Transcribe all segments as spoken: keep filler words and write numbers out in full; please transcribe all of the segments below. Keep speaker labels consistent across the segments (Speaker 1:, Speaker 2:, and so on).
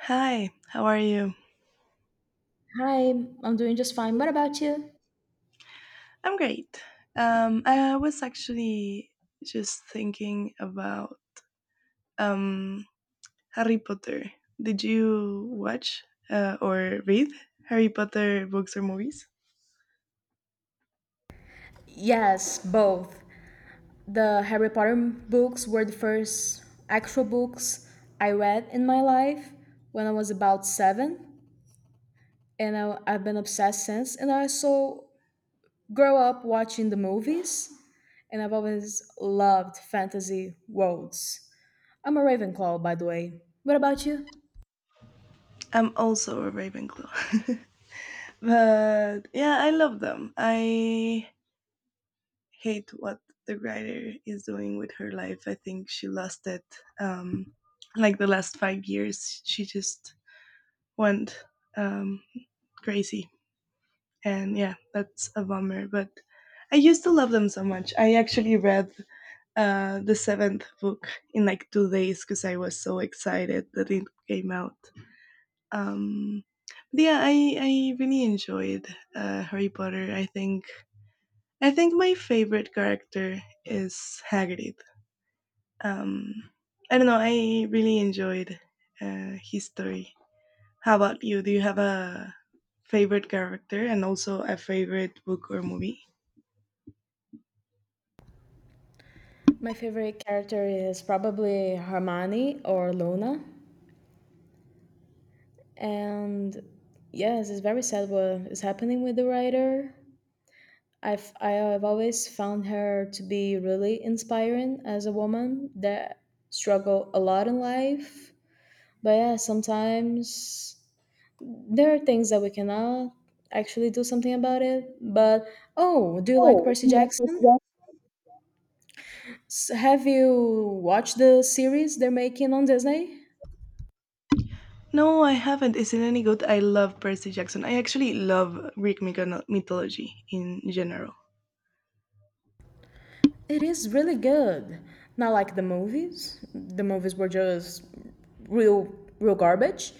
Speaker 1: Hi, how are you?
Speaker 2: Hi, I'm doing just fine. What about you?
Speaker 1: I'm great. Um, I was actually just thinking about um, Harry Potter. Did you watch uh, or read Harry Potter books or movies?
Speaker 2: Yes, both. The Harry Potter books were the first actual books I read in my life when I was about seven, and I, I've been obsessed since. And I also grew up watching the movies, and I've always loved fantasy worlds. I'm a Ravenclaw, by the way. What about you?
Speaker 1: I'm also a Ravenclaw. But yeah, I love them. I hate what the writer is doing with her life. I think she lost it. Um, like the last five years, she just went um, crazy. And yeah, that's a bummer. But I used to love them so much. I actually read uh, the seventh book in like two days because I was so excited that it came out. Um, but yeah, I, I really enjoyed uh, Harry Potter. I think I think my favorite character is Hagrid. Um, I don't know. I really enjoyed uh, his story. How about you? Do you have a favorite character and also a favorite book or movie?
Speaker 2: My favorite character is probably Hermione or Luna. And yes, it's very sad what is happening with the writer. i've I have always found her to be really inspiring as a woman that struggle a lot in life, but yeah, sometimes there are things that we cannot actually do something about it. But oh, do you like Percy Jackson? S- have you watched the series they're making on Disney?
Speaker 1: No, I haven't. Is it any good? I love Percy Jackson. I actually love Greek myco- mythology in general.
Speaker 2: It is really good. Not like the movies. The movies were just real, real garbage.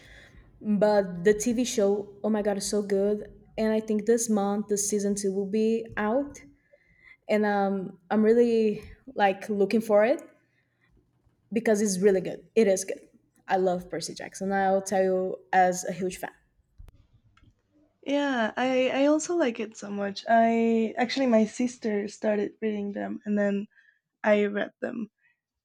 Speaker 2: But the T V show, oh my god, is so good. And I think this month, the season two will be out, and um, I'm really like looking for it because it's really good. It is good. I love Percy Jackson. I'll tell you as a huge fan.
Speaker 1: Yeah, I, I also like it so much. I actually my sister started reading them and then I read them.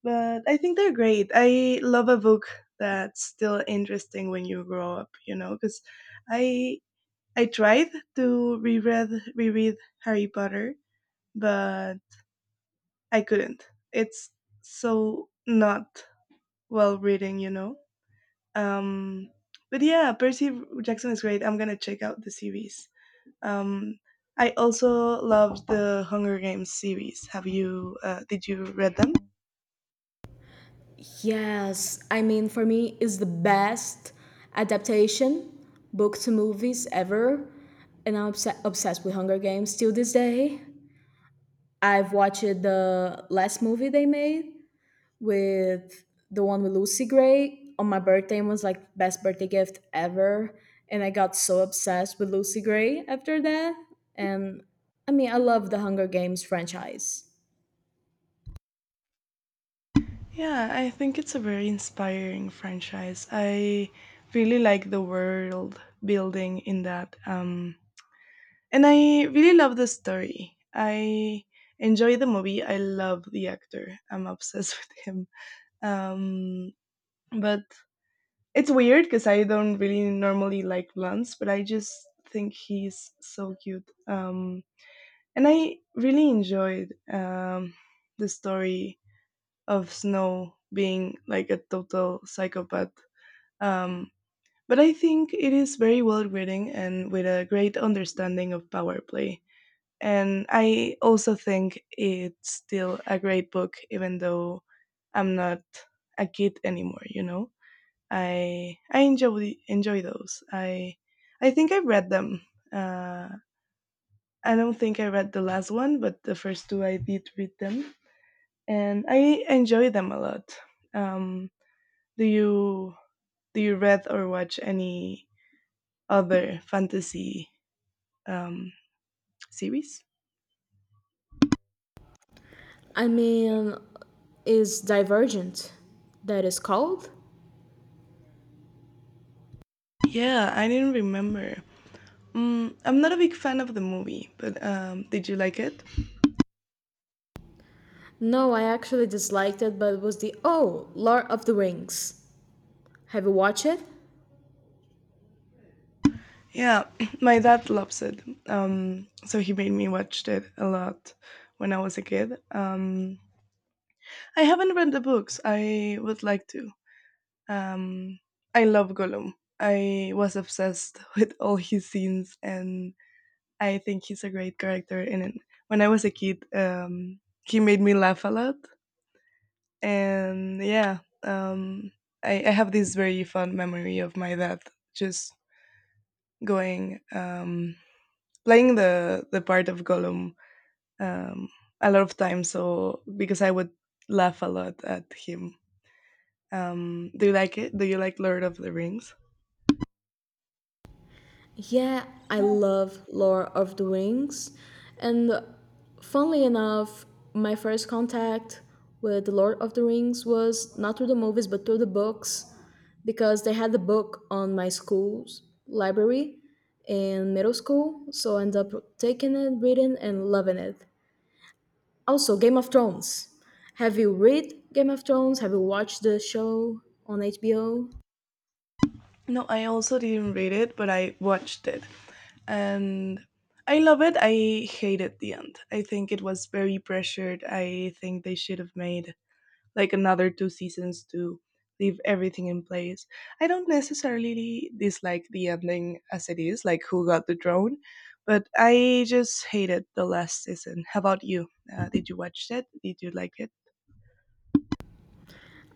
Speaker 1: But I think they're great. I love a book that's still interesting when you grow up, you know, because I I tried to reread reread Harry Potter, but I couldn't. It's so not well written, you know. Um, but yeah, Percy Jackson is great. I'm gonna check out the series. Um, I also love the Hunger Games series. Have you? Uh, did you read them?
Speaker 2: Yes, I mean, for me, it's the best adaptation, book to movies ever. And I'm obs- obsessed with Hunger Games till this day. I've watched the last movie they made with the one with Lucy Gray on my birthday and was like best birthday gift ever. And I got so obsessed with Lucy Gray after that. And I mean, I love the Hunger Games franchise.
Speaker 1: Yeah, I think it's a very inspiring franchise. I really like the world building in that. Um, and I really love the story. I enjoy the movie. I love the actor. I'm obsessed with him. Um, but it's weird because I don't really normally like blondes, but I just think he's so cute. Um, and I really enjoyed um, the story of Snow being like a total psychopath. Um, but I think it is very well written and with a great understanding of power play. And I also think it's still a great book, even though I'm not a kid anymore. You know, I I enjoy enjoy those. I I think I read them. Uh, I don't think I read the last one, but the first two I did read them, and I enjoy them a lot. Um, Do you do you read or watch any other fantasy um, series?
Speaker 2: I mean, is Divergent that is called?
Speaker 1: Yeah, I didn't remember. Mm, I'm not a big fan of the movie, but um, did you like it?
Speaker 2: No, I actually disliked it, but it was the oh, Lord of the Rings. Have you watched it?
Speaker 1: Yeah, my dad loves it. Um, so he made me watch it a lot when I was a kid. Um, I haven't read the books. I would like to. Um, I love Gollum. I was obsessed with all his scenes and I think he's a great character. And when I was a kid, um, he made me laugh a lot. And yeah, um, I, I have this very fond memory of my dad just going, um, playing the, the part of Gollum um, a lot of times. So because I would laugh a lot at him. Um, do you like it? Do you like Lord of the Rings?
Speaker 2: Yeah, I love Lord of the Rings. And funnily enough, my first contact with the Lord of the Rings was not through the movies but through the books, because they had the book on my school's library in middle school, so I ended up taking it, reading and loving it. Also, Game of Thrones. Have you read Game of Thrones? Have you watched the show on H B O?
Speaker 1: No, I also didn't read it, but I watched it. And I love it. I hated the end. I think it was very pressured. I think they should have made like another two seasons to leave everything in place. I don't necessarily dislike the ending as it is, like who got the drone, but I just hated the last season. How about you? Uh, did you watch it? Did you like it?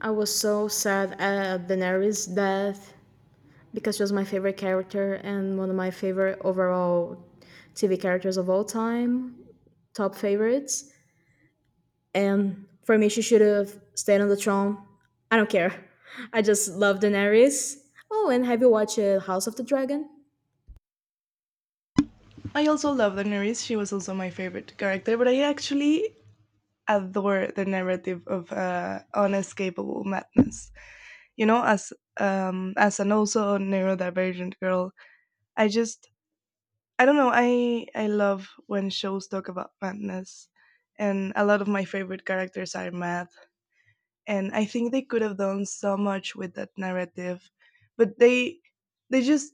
Speaker 2: I was so sad at Daenerys' death because she was my favorite character and one of my favorite overall T V characters of all time, top favorites. And for me, she should have stayed on the throne. I don't care. I just love Daenerys. Oh, and have you watched uh, House of the Dragon?
Speaker 1: I also love Daenerys. She was also my favorite character, but I actually adore the narrative of uh, unescapable madness. You know, as um as an also a neurodivergent girl, I just, I don't know, i i love when shows talk about madness, and a lot of my favorite characters are mad, and I think they could have done so much with that narrative, but they they just,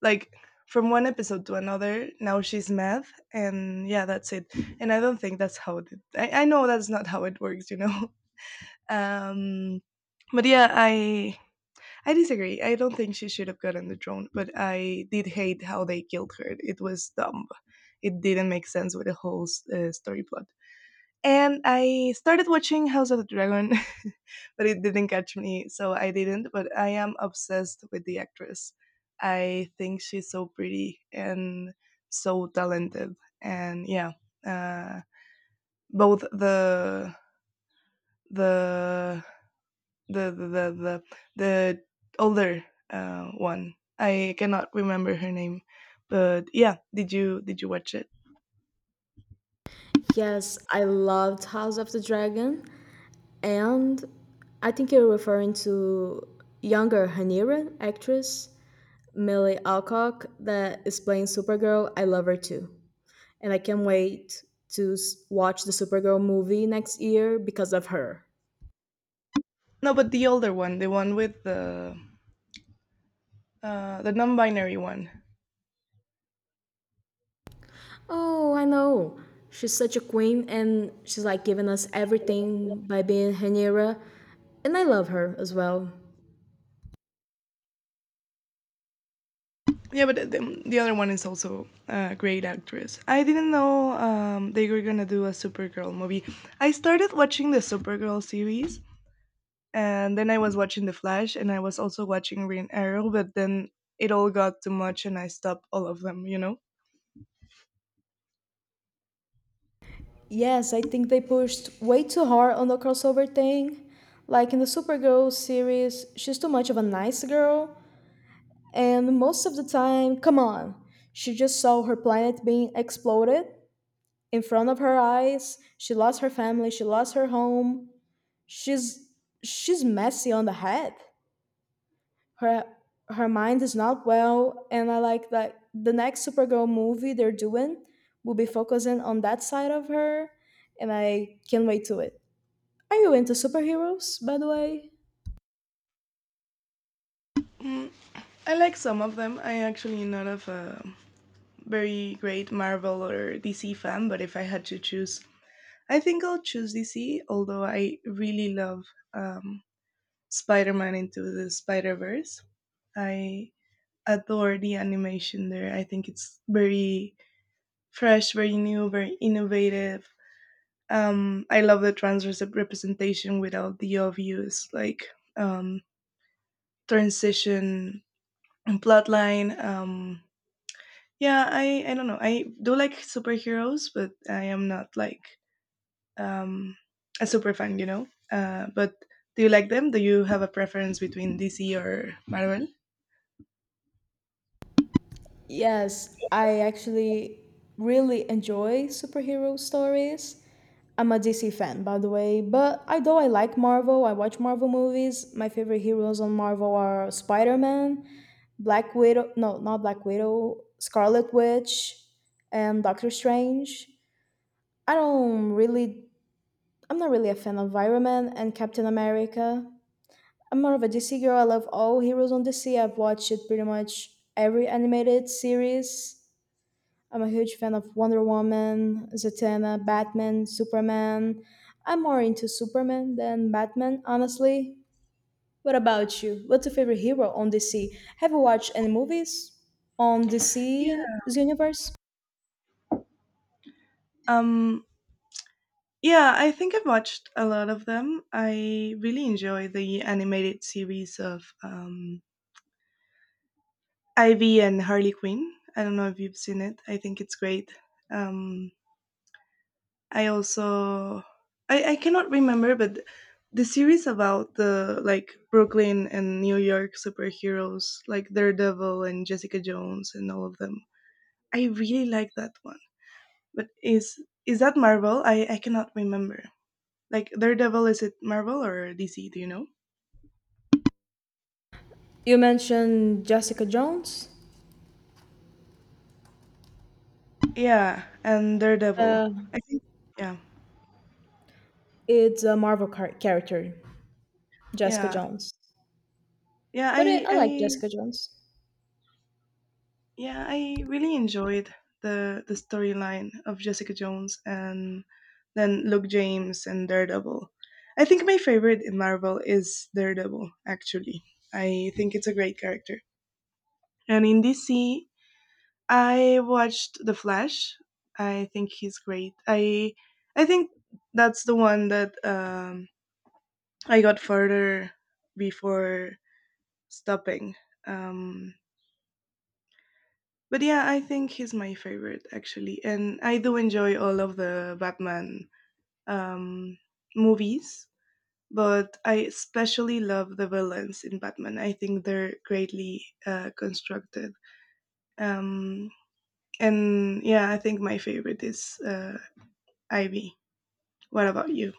Speaker 1: like, from one episode to another now she's mad, and yeah, that's it. And I don't think that's how it i, I know that's not how it works, you know. um but yeah, i I disagree. I don't think she should have gotten the drone, but I did hate how they killed her. It was dumb. It didn't make sense with the whole uh, story plot. And I started watching House of the Dragon, but it didn't catch me, so I didn't. But I am obsessed with the actress. I think she's so pretty and so talented. And yeah, uh, both the the the the the the, the older uh, one. I cannot remember her name, but yeah, did you did you watch it?
Speaker 2: Yes, I loved House of the Dragon. And I think you're referring to younger Haniran actress Millie Alcock that is playing Supergirl. I love her too. And I can't wait to s- watch the Supergirl movie next year because of her.
Speaker 1: No, but the older one, the one with the uh, the non-binary one.
Speaker 2: Oh, I know. She's such a queen and she's like giving us everything by being Hanira. And I love her as well.
Speaker 1: Yeah, but the, the other one is also a great actress. I didn't know um, they were gonna do a Supergirl movie. I started watching the Supergirl series, and then I was watching The Flash, and I was also watching Green Arrow. But then it all got too much, and I stopped all of them. You know.
Speaker 2: Yes, I think they pushed way too hard on the crossover thing. Like in the Supergirl series, she's too much of a nice girl, and most of the time, come on, she just saw her planet being exploded in front of her eyes. She lost her family, she lost her home. She's she's messy on the head. Her her mind is not well, and I like that the next Supergirl movie they're doing will be focusing on that side of her, and I can't wait to it. Are you into superheroes, by the way?
Speaker 1: Mm, I like some of them. I actually not of a very great Marvel or D C fan, but if I had to choose, I think I'll choose D C. Although I really love um, Spider-Man into the Spider-Verse, I adore the animation there. I think it's very fresh, very new, very innovative. Um, I love the trans rep- representation without the obvious like um, transition and plotline. Um, Yeah, I I don't know. I do like superheroes, but I am not like um a super fan, you know. Uh, but do you like them? Do you have a preference between D C or Marvel?
Speaker 2: Yes, I actually really enjoy superhero stories. I'm a D C fan, by the way, but I though I like Marvel, I watch Marvel movies. My favorite heroes on Marvel are Spider-Man, Black Widow, no, not Black Widow, Scarlet Witch, and Doctor Strange. I don't really, I'm not really a fan of Iron Man and Captain America. I'm more of a D C girl. I love all Heroes on D C. I've watched it pretty much every animated series. I'm a huge fan of Wonder Woman, Zatanna, Batman, Superman. I'm more into Superman than Batman, honestly. What about you? What's your favorite hero on D C? Have you watched any movies on
Speaker 1: Yeah.
Speaker 2: D C's universe?
Speaker 1: Um yeah, I think I've watched a lot of them. I really enjoy the animated series of um Ivy and Harley Quinn. I don't know if you've seen it. I think it's great. Um I also, I, I cannot remember, but the series about the like Brooklyn and New York superheroes, like Daredevil and Jessica Jones and all of them. I really like that one. But is is that Marvel? I, I cannot remember. Like Daredevil, is it Marvel or D C? Do you know?
Speaker 2: You mentioned Jessica Jones.
Speaker 1: Yeah, and Daredevil.
Speaker 2: Uh,
Speaker 1: I think yeah,
Speaker 2: it's a Marvel car- character, Jessica
Speaker 1: yeah,
Speaker 2: Jones.
Speaker 1: yeah.
Speaker 2: But I
Speaker 1: I
Speaker 2: I like
Speaker 1: I
Speaker 2: Jessica Jones.
Speaker 1: yeah, I really enjoyed the the storyline of Jessica Jones and then Luke James and Daredevil. I think my favorite in Marvel is Daredevil, actually. I think it's a great character. And in D C, I watched The Flash. I think he's great. I I think that's the one that um, I got further before stopping. Um, But yeah, I think he's my favorite actually, and I do enjoy all of the Batman um, movies. But I especially love the villains in Batman. I think they're greatly uh, constructed. Um, and yeah, I think my favorite is uh, Ivy. What about you?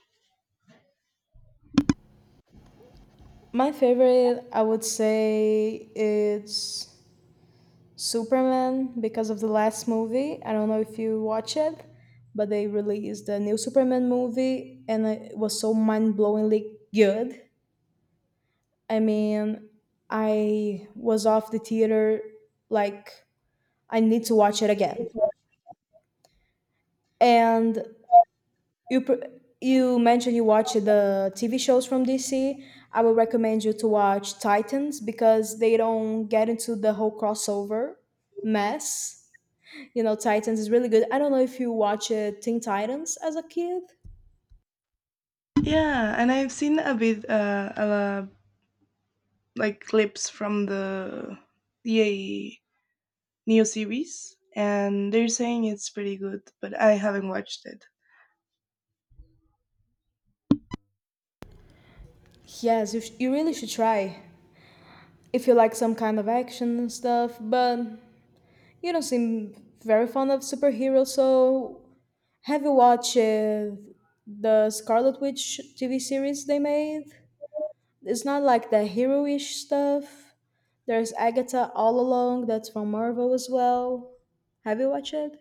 Speaker 2: My favorite, I would say, it's Superman because of the last movie. I don't know if you watch it, but they released the new Superman movie and it was so mind blowingly good. I mean, I was off the theater like, I need to watch it again. And You pr- you mentioned you watch the T V shows from D C. I would recommend you to watch Titans because they don't get into the whole crossover mess. You know, Titans is really good. I don't know if you watch uh, Teen Titans as a kid.
Speaker 1: Yeah, and I've seen a bit, uh, uh, like clips from the the neo series, and they're saying it's pretty good, but I haven't watched it.
Speaker 2: Yes, you, sh- you really should try if you like some kind of action and stuff. But you don't seem very fond of superheroes, so have you watched uh, the Scarlet Witch T V series they made? It's not like the hero-ish stuff. There's Agatha All Along that's from Marvel as well. Have you watched it?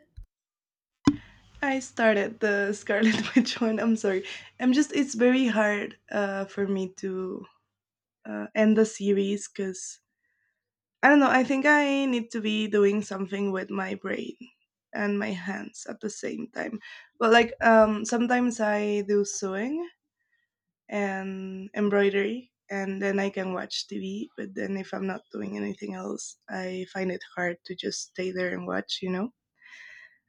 Speaker 1: I started the Scarlet Witch one. I'm sorry. I'm just. It's very hard uh, for me to uh, end the series because I don't know. I think I need to be doing something with my brain and my hands at the same time. But like um, sometimes I do sewing and embroidery, and then I can watch T V. But then if I'm not doing anything else, I find it hard to just stay there and watch. You know.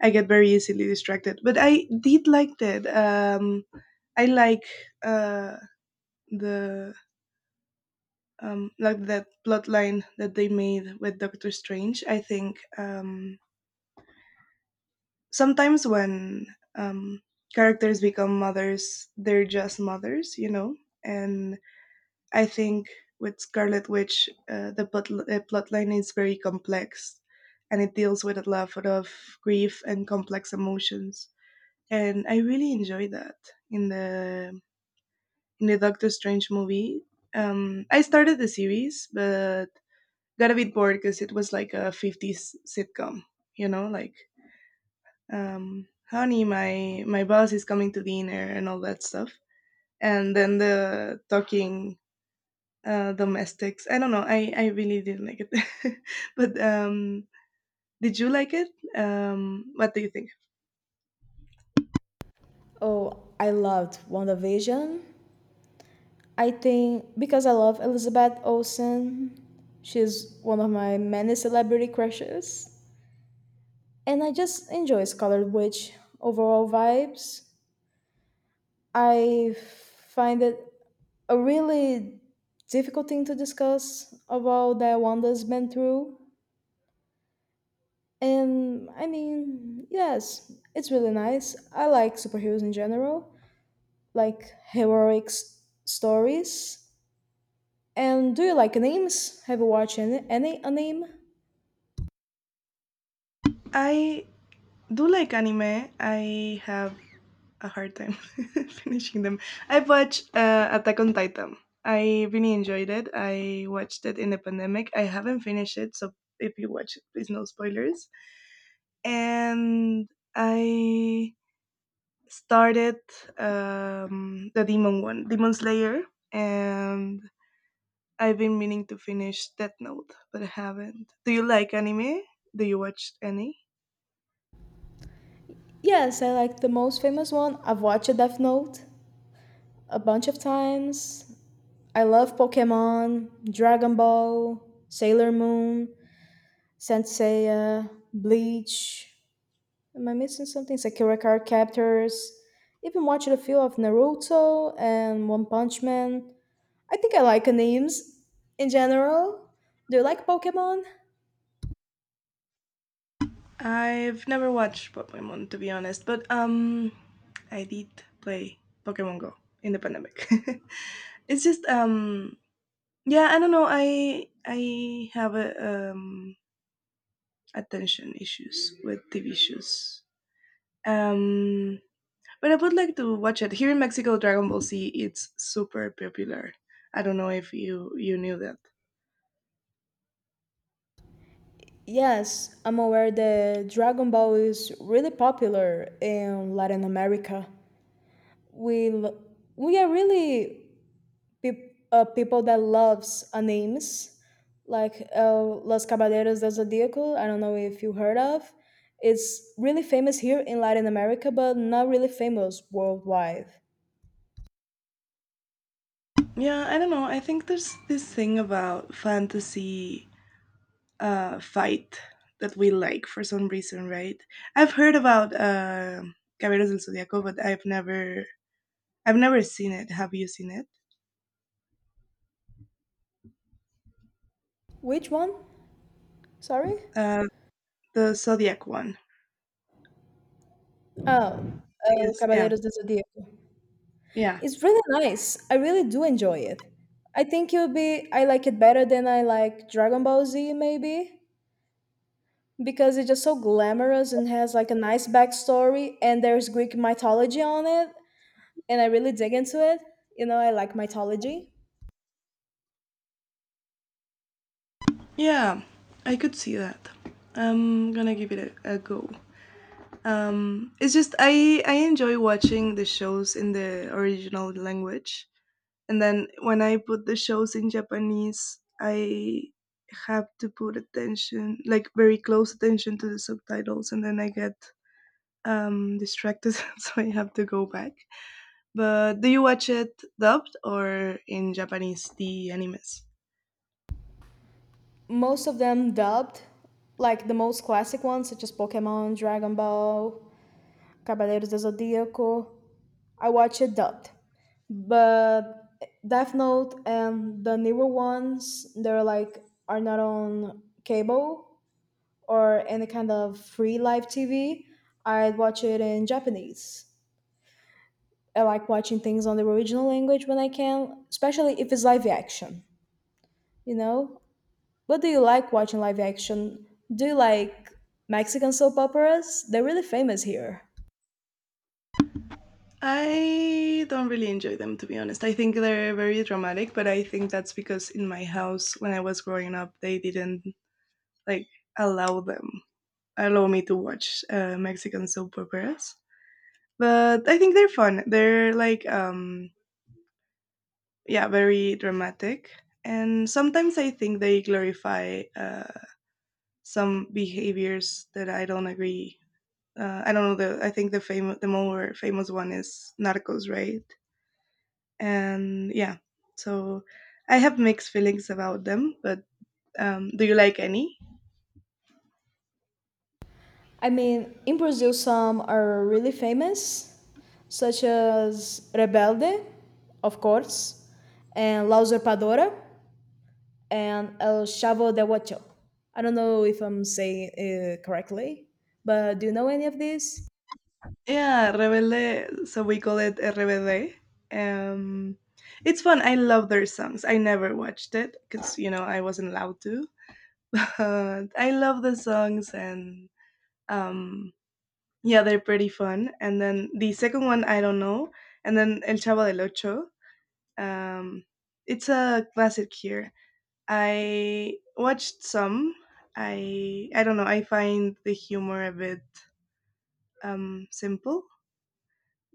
Speaker 1: I get very easily distracted, but I did like that. Um, I like uh, the um, like that plotline that they made with Doctor Strange. I think um, sometimes when um, characters become mothers, they're just mothers, you know. And I think with Scarlet Witch, uh, the plot uh, plotline is very complex, and it deals with a lot of grief and complex emotions. And I really enjoy that in the in the Doctor Strange movie. Um, I started the series, but got a bit bored because it was like a fifties sitcom, you know, like, um, honey, my, my boss is coming to dinner and all that stuff. And then the talking uh, domestics. I don't know. I, I really didn't like it. But um, did you like it? Um, what do you think?
Speaker 2: Oh, I loved WandaVision. I think because I love Elizabeth Olsen, she's one of my many celebrity crushes. And I just enjoy Scarlet Witch overall vibes. I find it a really difficult thing to discuss about that Wanda's been through. And I mean, yes, it's really nice. I like superheroes in general, like heroic s- stories. And do you like animes? Have you watched any, any anime?
Speaker 1: I do like anime. I have a hard time finishing them. I watched uh, Attack on Titan. I really enjoyed it. I watched it in the pandemic. I haven't finished it, so if you watch it, please no spoilers. And I started um, the Demon one, Demon Slayer, and I've been meaning to finish Death Note, but I haven't. Do you like anime? Do you watch any?
Speaker 2: Yes, I like the most famous one. I've watched Death Note a bunch of times. I love Pokemon, Dragon Ball, Sailor Moon, Saint Seiya, Bleach. Am I missing something? Sakura card captors. Even watched a few of Naruto and One Punch Man. I think I like names in general. Do you like Pokemon?
Speaker 1: I've never watched Pokemon to be honest, but um, I did play Pokemon Go in the pandemic. It's just um, yeah, I don't know. I I have a, um attention issues with T V shows. Um, but I would like to watch it here in Mexico. Dragon Ball Z it's super popular. I don't know if you you knew that.
Speaker 2: Yes, I'm aware that Dragon Ball is really popular in Latin America. We l- we are really peop uh, people that loves animes like uh, Los Caballeros del Zodiaco. I don't know if you heard of. It's really famous here in Latin America, but not really famous worldwide.
Speaker 1: Yeah, I don't know. I think there's this thing about fantasy uh, fight that we like for some reason, right? I've heard about uh, Caballeros del Zodiaco, but I've never I've never seen it. Have you seen it?
Speaker 2: Which one? Sorry.
Speaker 1: Uh, the Zodiac one,
Speaker 2: Oh,
Speaker 1: I
Speaker 2: uh,
Speaker 1: guess. Yeah,
Speaker 2: Caballeros del Zodiaco.
Speaker 1: yeah,
Speaker 2: It's really nice. I really do enjoy it. I think it'll be. I like it better than I like Dragon Ball Z, maybe because it's just so glamorous and has like a nice backstory, and there's Greek mythology on it. And I really dig into it. You know, I like mythology.
Speaker 1: yeah. I could see that. I'm gonna give it a, a go. Um, it's just I I enjoy watching the shows in the original language. And then when I put the shows in Japanese, I have to put attention, like very close attention to the subtitles, and then I get um, distracted, so I have to go back. But do you watch it dubbed or in Japanese, the animes?
Speaker 2: Most of them dubbed, like the most classic ones, such as Pokemon, Dragon Ball, Caballeros do Zodíaco. I watch it dubbed. But Death Note and the newer ones, they're like, are not on cable or any kind of free live T V. I watch it in Japanese. I like watching things on the original language when I can, especially if it's live action, you know? What do you like watching live action? Do you like Mexican soap operas? They're really famous here.
Speaker 1: I don't really enjoy them, to be honest. I think they're very dramatic, but I think that's because in my house, when I was growing up, they didn't like allow them, allow me to watch uh, Mexican soap operas. But I think they're fun. They're like um yeah, very dramatic. And sometimes I think they glorify uh, some behaviors that I don't agree. Uh, I don't know the I think the famous the more famous one is Narcos, right? And yeah. So I have mixed feelings about them, but um do you like any?
Speaker 2: I mean, in Brazil, some are really famous, such as Rebelde, of course, and La Usurpadora, and El Chavo del Ocho. I don't know if I'm saying it correctly, but do you know any of these?
Speaker 1: Yeah, Rebelde, so we call it R B D. Um, it's fun. I love their songs. I never watched it because, you know, I wasn't allowed to. But I love the songs and um, yeah, they're pretty fun. And then the second one, I don't know. And then El Chavo del Ocho. Um, it's a classic here. I watched some. I I don't know. I find the humor a bit um, simple,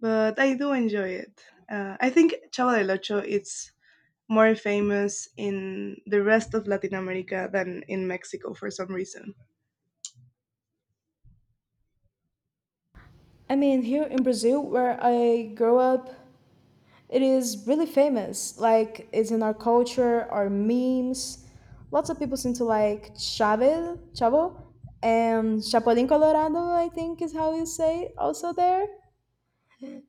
Speaker 1: but I do enjoy it. Uh, I think Chavo del Ocho is more famous in the rest of Latin America than in Mexico for some reason.
Speaker 2: I mean, here in Brazil, where I grew up, it is really famous. Like it's in our culture, our memes. Lots of people seem to like Chave, Chavo, and Chapulín Colorado. I think is how you say it also there,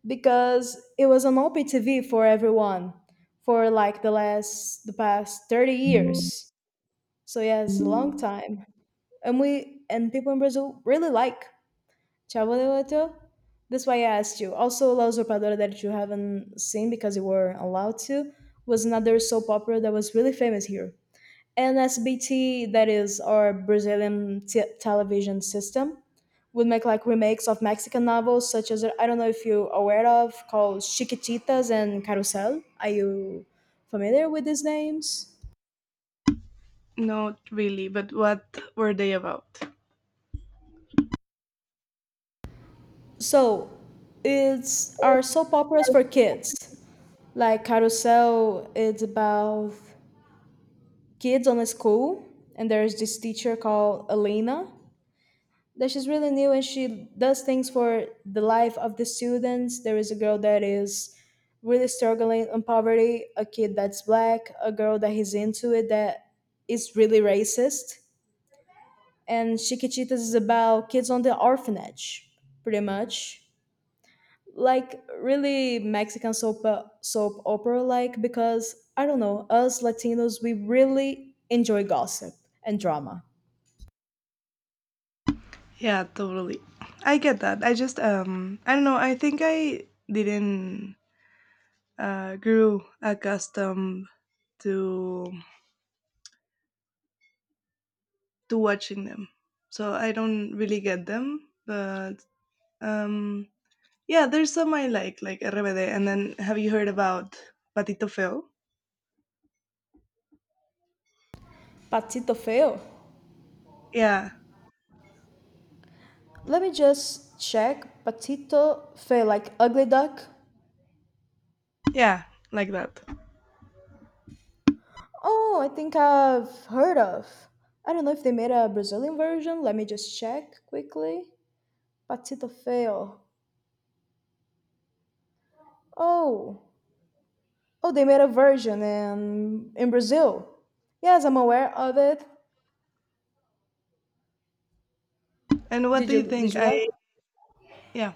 Speaker 2: because it was on O P T V for everyone for like the last the past thirty years. So yeah, it's a long time, and we and people in Brazil really like Chabodeoto. That's why I asked you. Also, La Usurpadora that you haven't seen because you were allowed to was another soap opera that was really famous here. And S B T, that is our Brazilian t- television system, would make like remakes of Mexican novels such as I don't know if you're aware of called Chiquititas and Carusel. Are you familiar with these names?
Speaker 1: Not really, but what were they about?
Speaker 2: So it's our soap operas for kids. Like Carousel, it's about kids on a school, and there's this teacher called Elena that she's really new and she does things for the life of the students. There is a girl that is really struggling on poverty, a kid that's black, a girl that is into it that is really racist. And Chiquititas is about kids on the orphanage, pretty much. Like really Mexican soap soap opera, like, because I don't know, us Latinos, we really enjoy gossip and drama.
Speaker 1: Yeah, totally. I get that. I just um I don't know, I think I didn't uh grew accustomed to to watching them. So I don't really get them, but um yeah, there's some I like, like R B D. And then have you heard about Patito Feo?
Speaker 2: Patito feo.
Speaker 1: Yeah,
Speaker 2: Let me just check. Patito Fe, like Ugly Duck.
Speaker 1: yeah, like that.
Speaker 2: Oh, I think I've heard of. I don't know if they made a Brazilian version. Let me just check quickly. Patito Feo. Oh, oh, they made a version in in Brazil. Yes, I'm aware of it.
Speaker 1: And what
Speaker 2: Did
Speaker 1: do
Speaker 2: you
Speaker 1: you
Speaker 2: did
Speaker 1: think?
Speaker 2: you watch?
Speaker 1: I, yeah,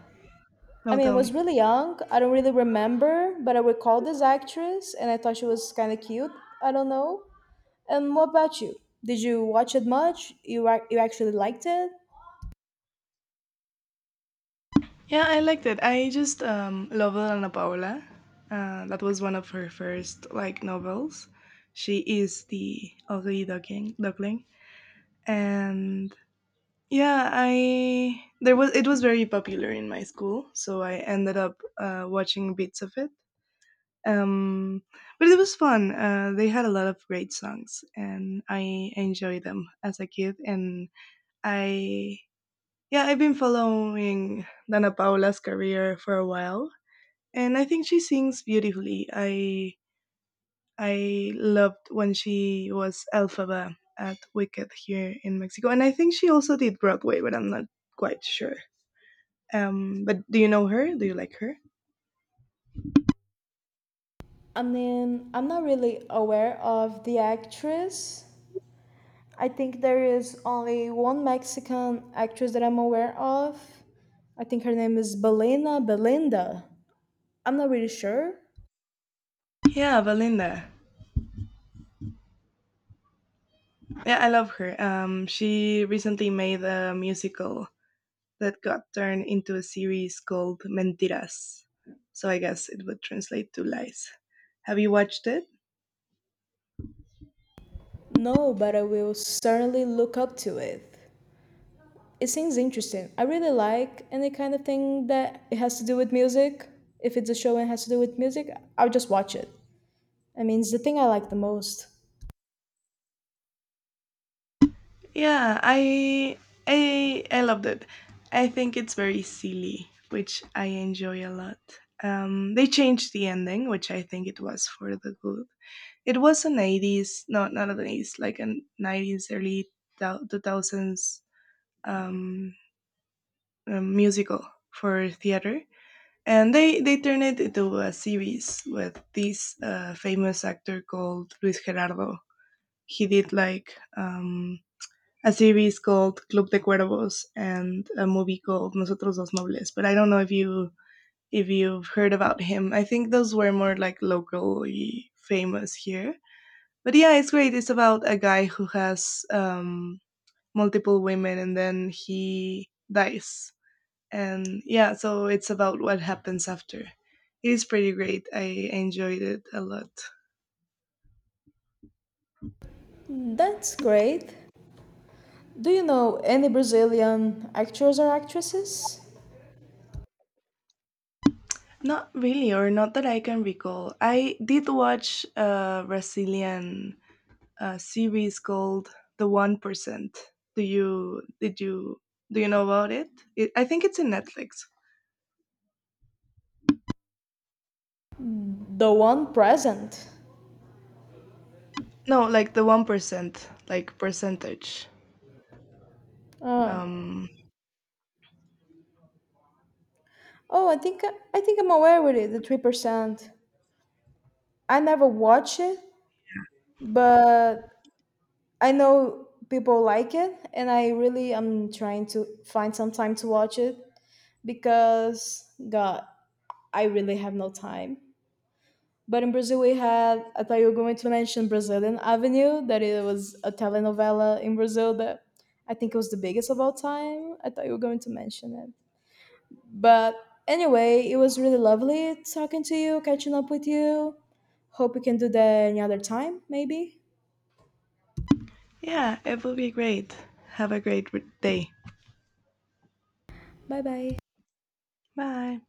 Speaker 2: I
Speaker 1: no,
Speaker 2: mean, I
Speaker 1: tell
Speaker 2: was
Speaker 1: me.
Speaker 2: really young. I don't really remember, but I recall this actress, and I thought she was kind of cute. I don't know. And what about you? Did you watch it much? You ac- you actually liked it?
Speaker 1: Yeah, I liked it. I just um, loved Ana Paola. Uh, that was one of her first like novels. She is the ugly duckling, duckling, and yeah, I there was it was very popular in my school, so I ended up uh, watching bits of it. um, but it was fun. Uh, they had a lot of great songs, and I enjoyed them as a kid. And I, yeah, I've been following Dana Paula's career for a while, and I think she sings beautifully. I I loved when she was Elphaba at Wicked here in Mexico, and I think she also did Broadway, but I'm not quite sure. Um, but do you know her? Do you like her?
Speaker 2: I mean, I'm not really aware of the actress. I think there is only one Mexican actress that I'm aware of. I think her name is Belena Belinda. I'm not really sure.
Speaker 1: Yeah, Valinda. Yeah, I love her. Um, she recently made a musical that got turned into a series called Mentiras. So I guess it would translate to lies. Have you watched it?
Speaker 2: No, but I will certainly look up to it. It seems interesting. I really like any kind of thing that it has to do with music. If it's a show and it has to do with music, I'll just watch it. I mean, it's the thing I like the most.
Speaker 1: Yeah, I I I loved it. I think it's very silly, which I enjoy a lot. Um, they changed the ending, which I think it was for the good. It was an eighties, no, not an eighties, like a nineties, early thou- two thousands um, uh, musical for theater. And they, they turned it into a series with this uh, famous actor called Luis Gerardo. He did like um, a series called Club de Cuervos and a movie called Nosotros los Nobles. But I don't know if you if you've heard about him. I think those were more like locally famous here. But yeah, it's great. It's about a guy who has um, multiple women and then he dies. And yeah, so it's about what happens after. It is pretty great. I enjoyed it a lot.
Speaker 2: That's great. Do you know any Brazilian actors or actresses?
Speaker 1: Not really, or not that I can recall. I did watch a Brazilian uh, series called The One Percent. Do you did you do you know about it? it? I think it's in Netflix.
Speaker 2: The one present.
Speaker 1: No, like the one percent, like percentage.
Speaker 2: Uh,
Speaker 1: Um,
Speaker 2: oh, I think I think I'm aware with it. The three percent. I never watch it, but I know people like it, and I really am trying to find some time to watch it because God, I really have no time. But in Brazil, we had, I thought you were going to mention Brazilian Avenue, that it was a telenovela in Brazil that I think it was the biggest of all time. I thought you were going to mention it. But anyway, it was really lovely talking to you, catching up with you. Hope we can do that any other time, maybe.
Speaker 1: Yeah, it will be great. Have a great day.
Speaker 2: Bye bye.
Speaker 1: Bye.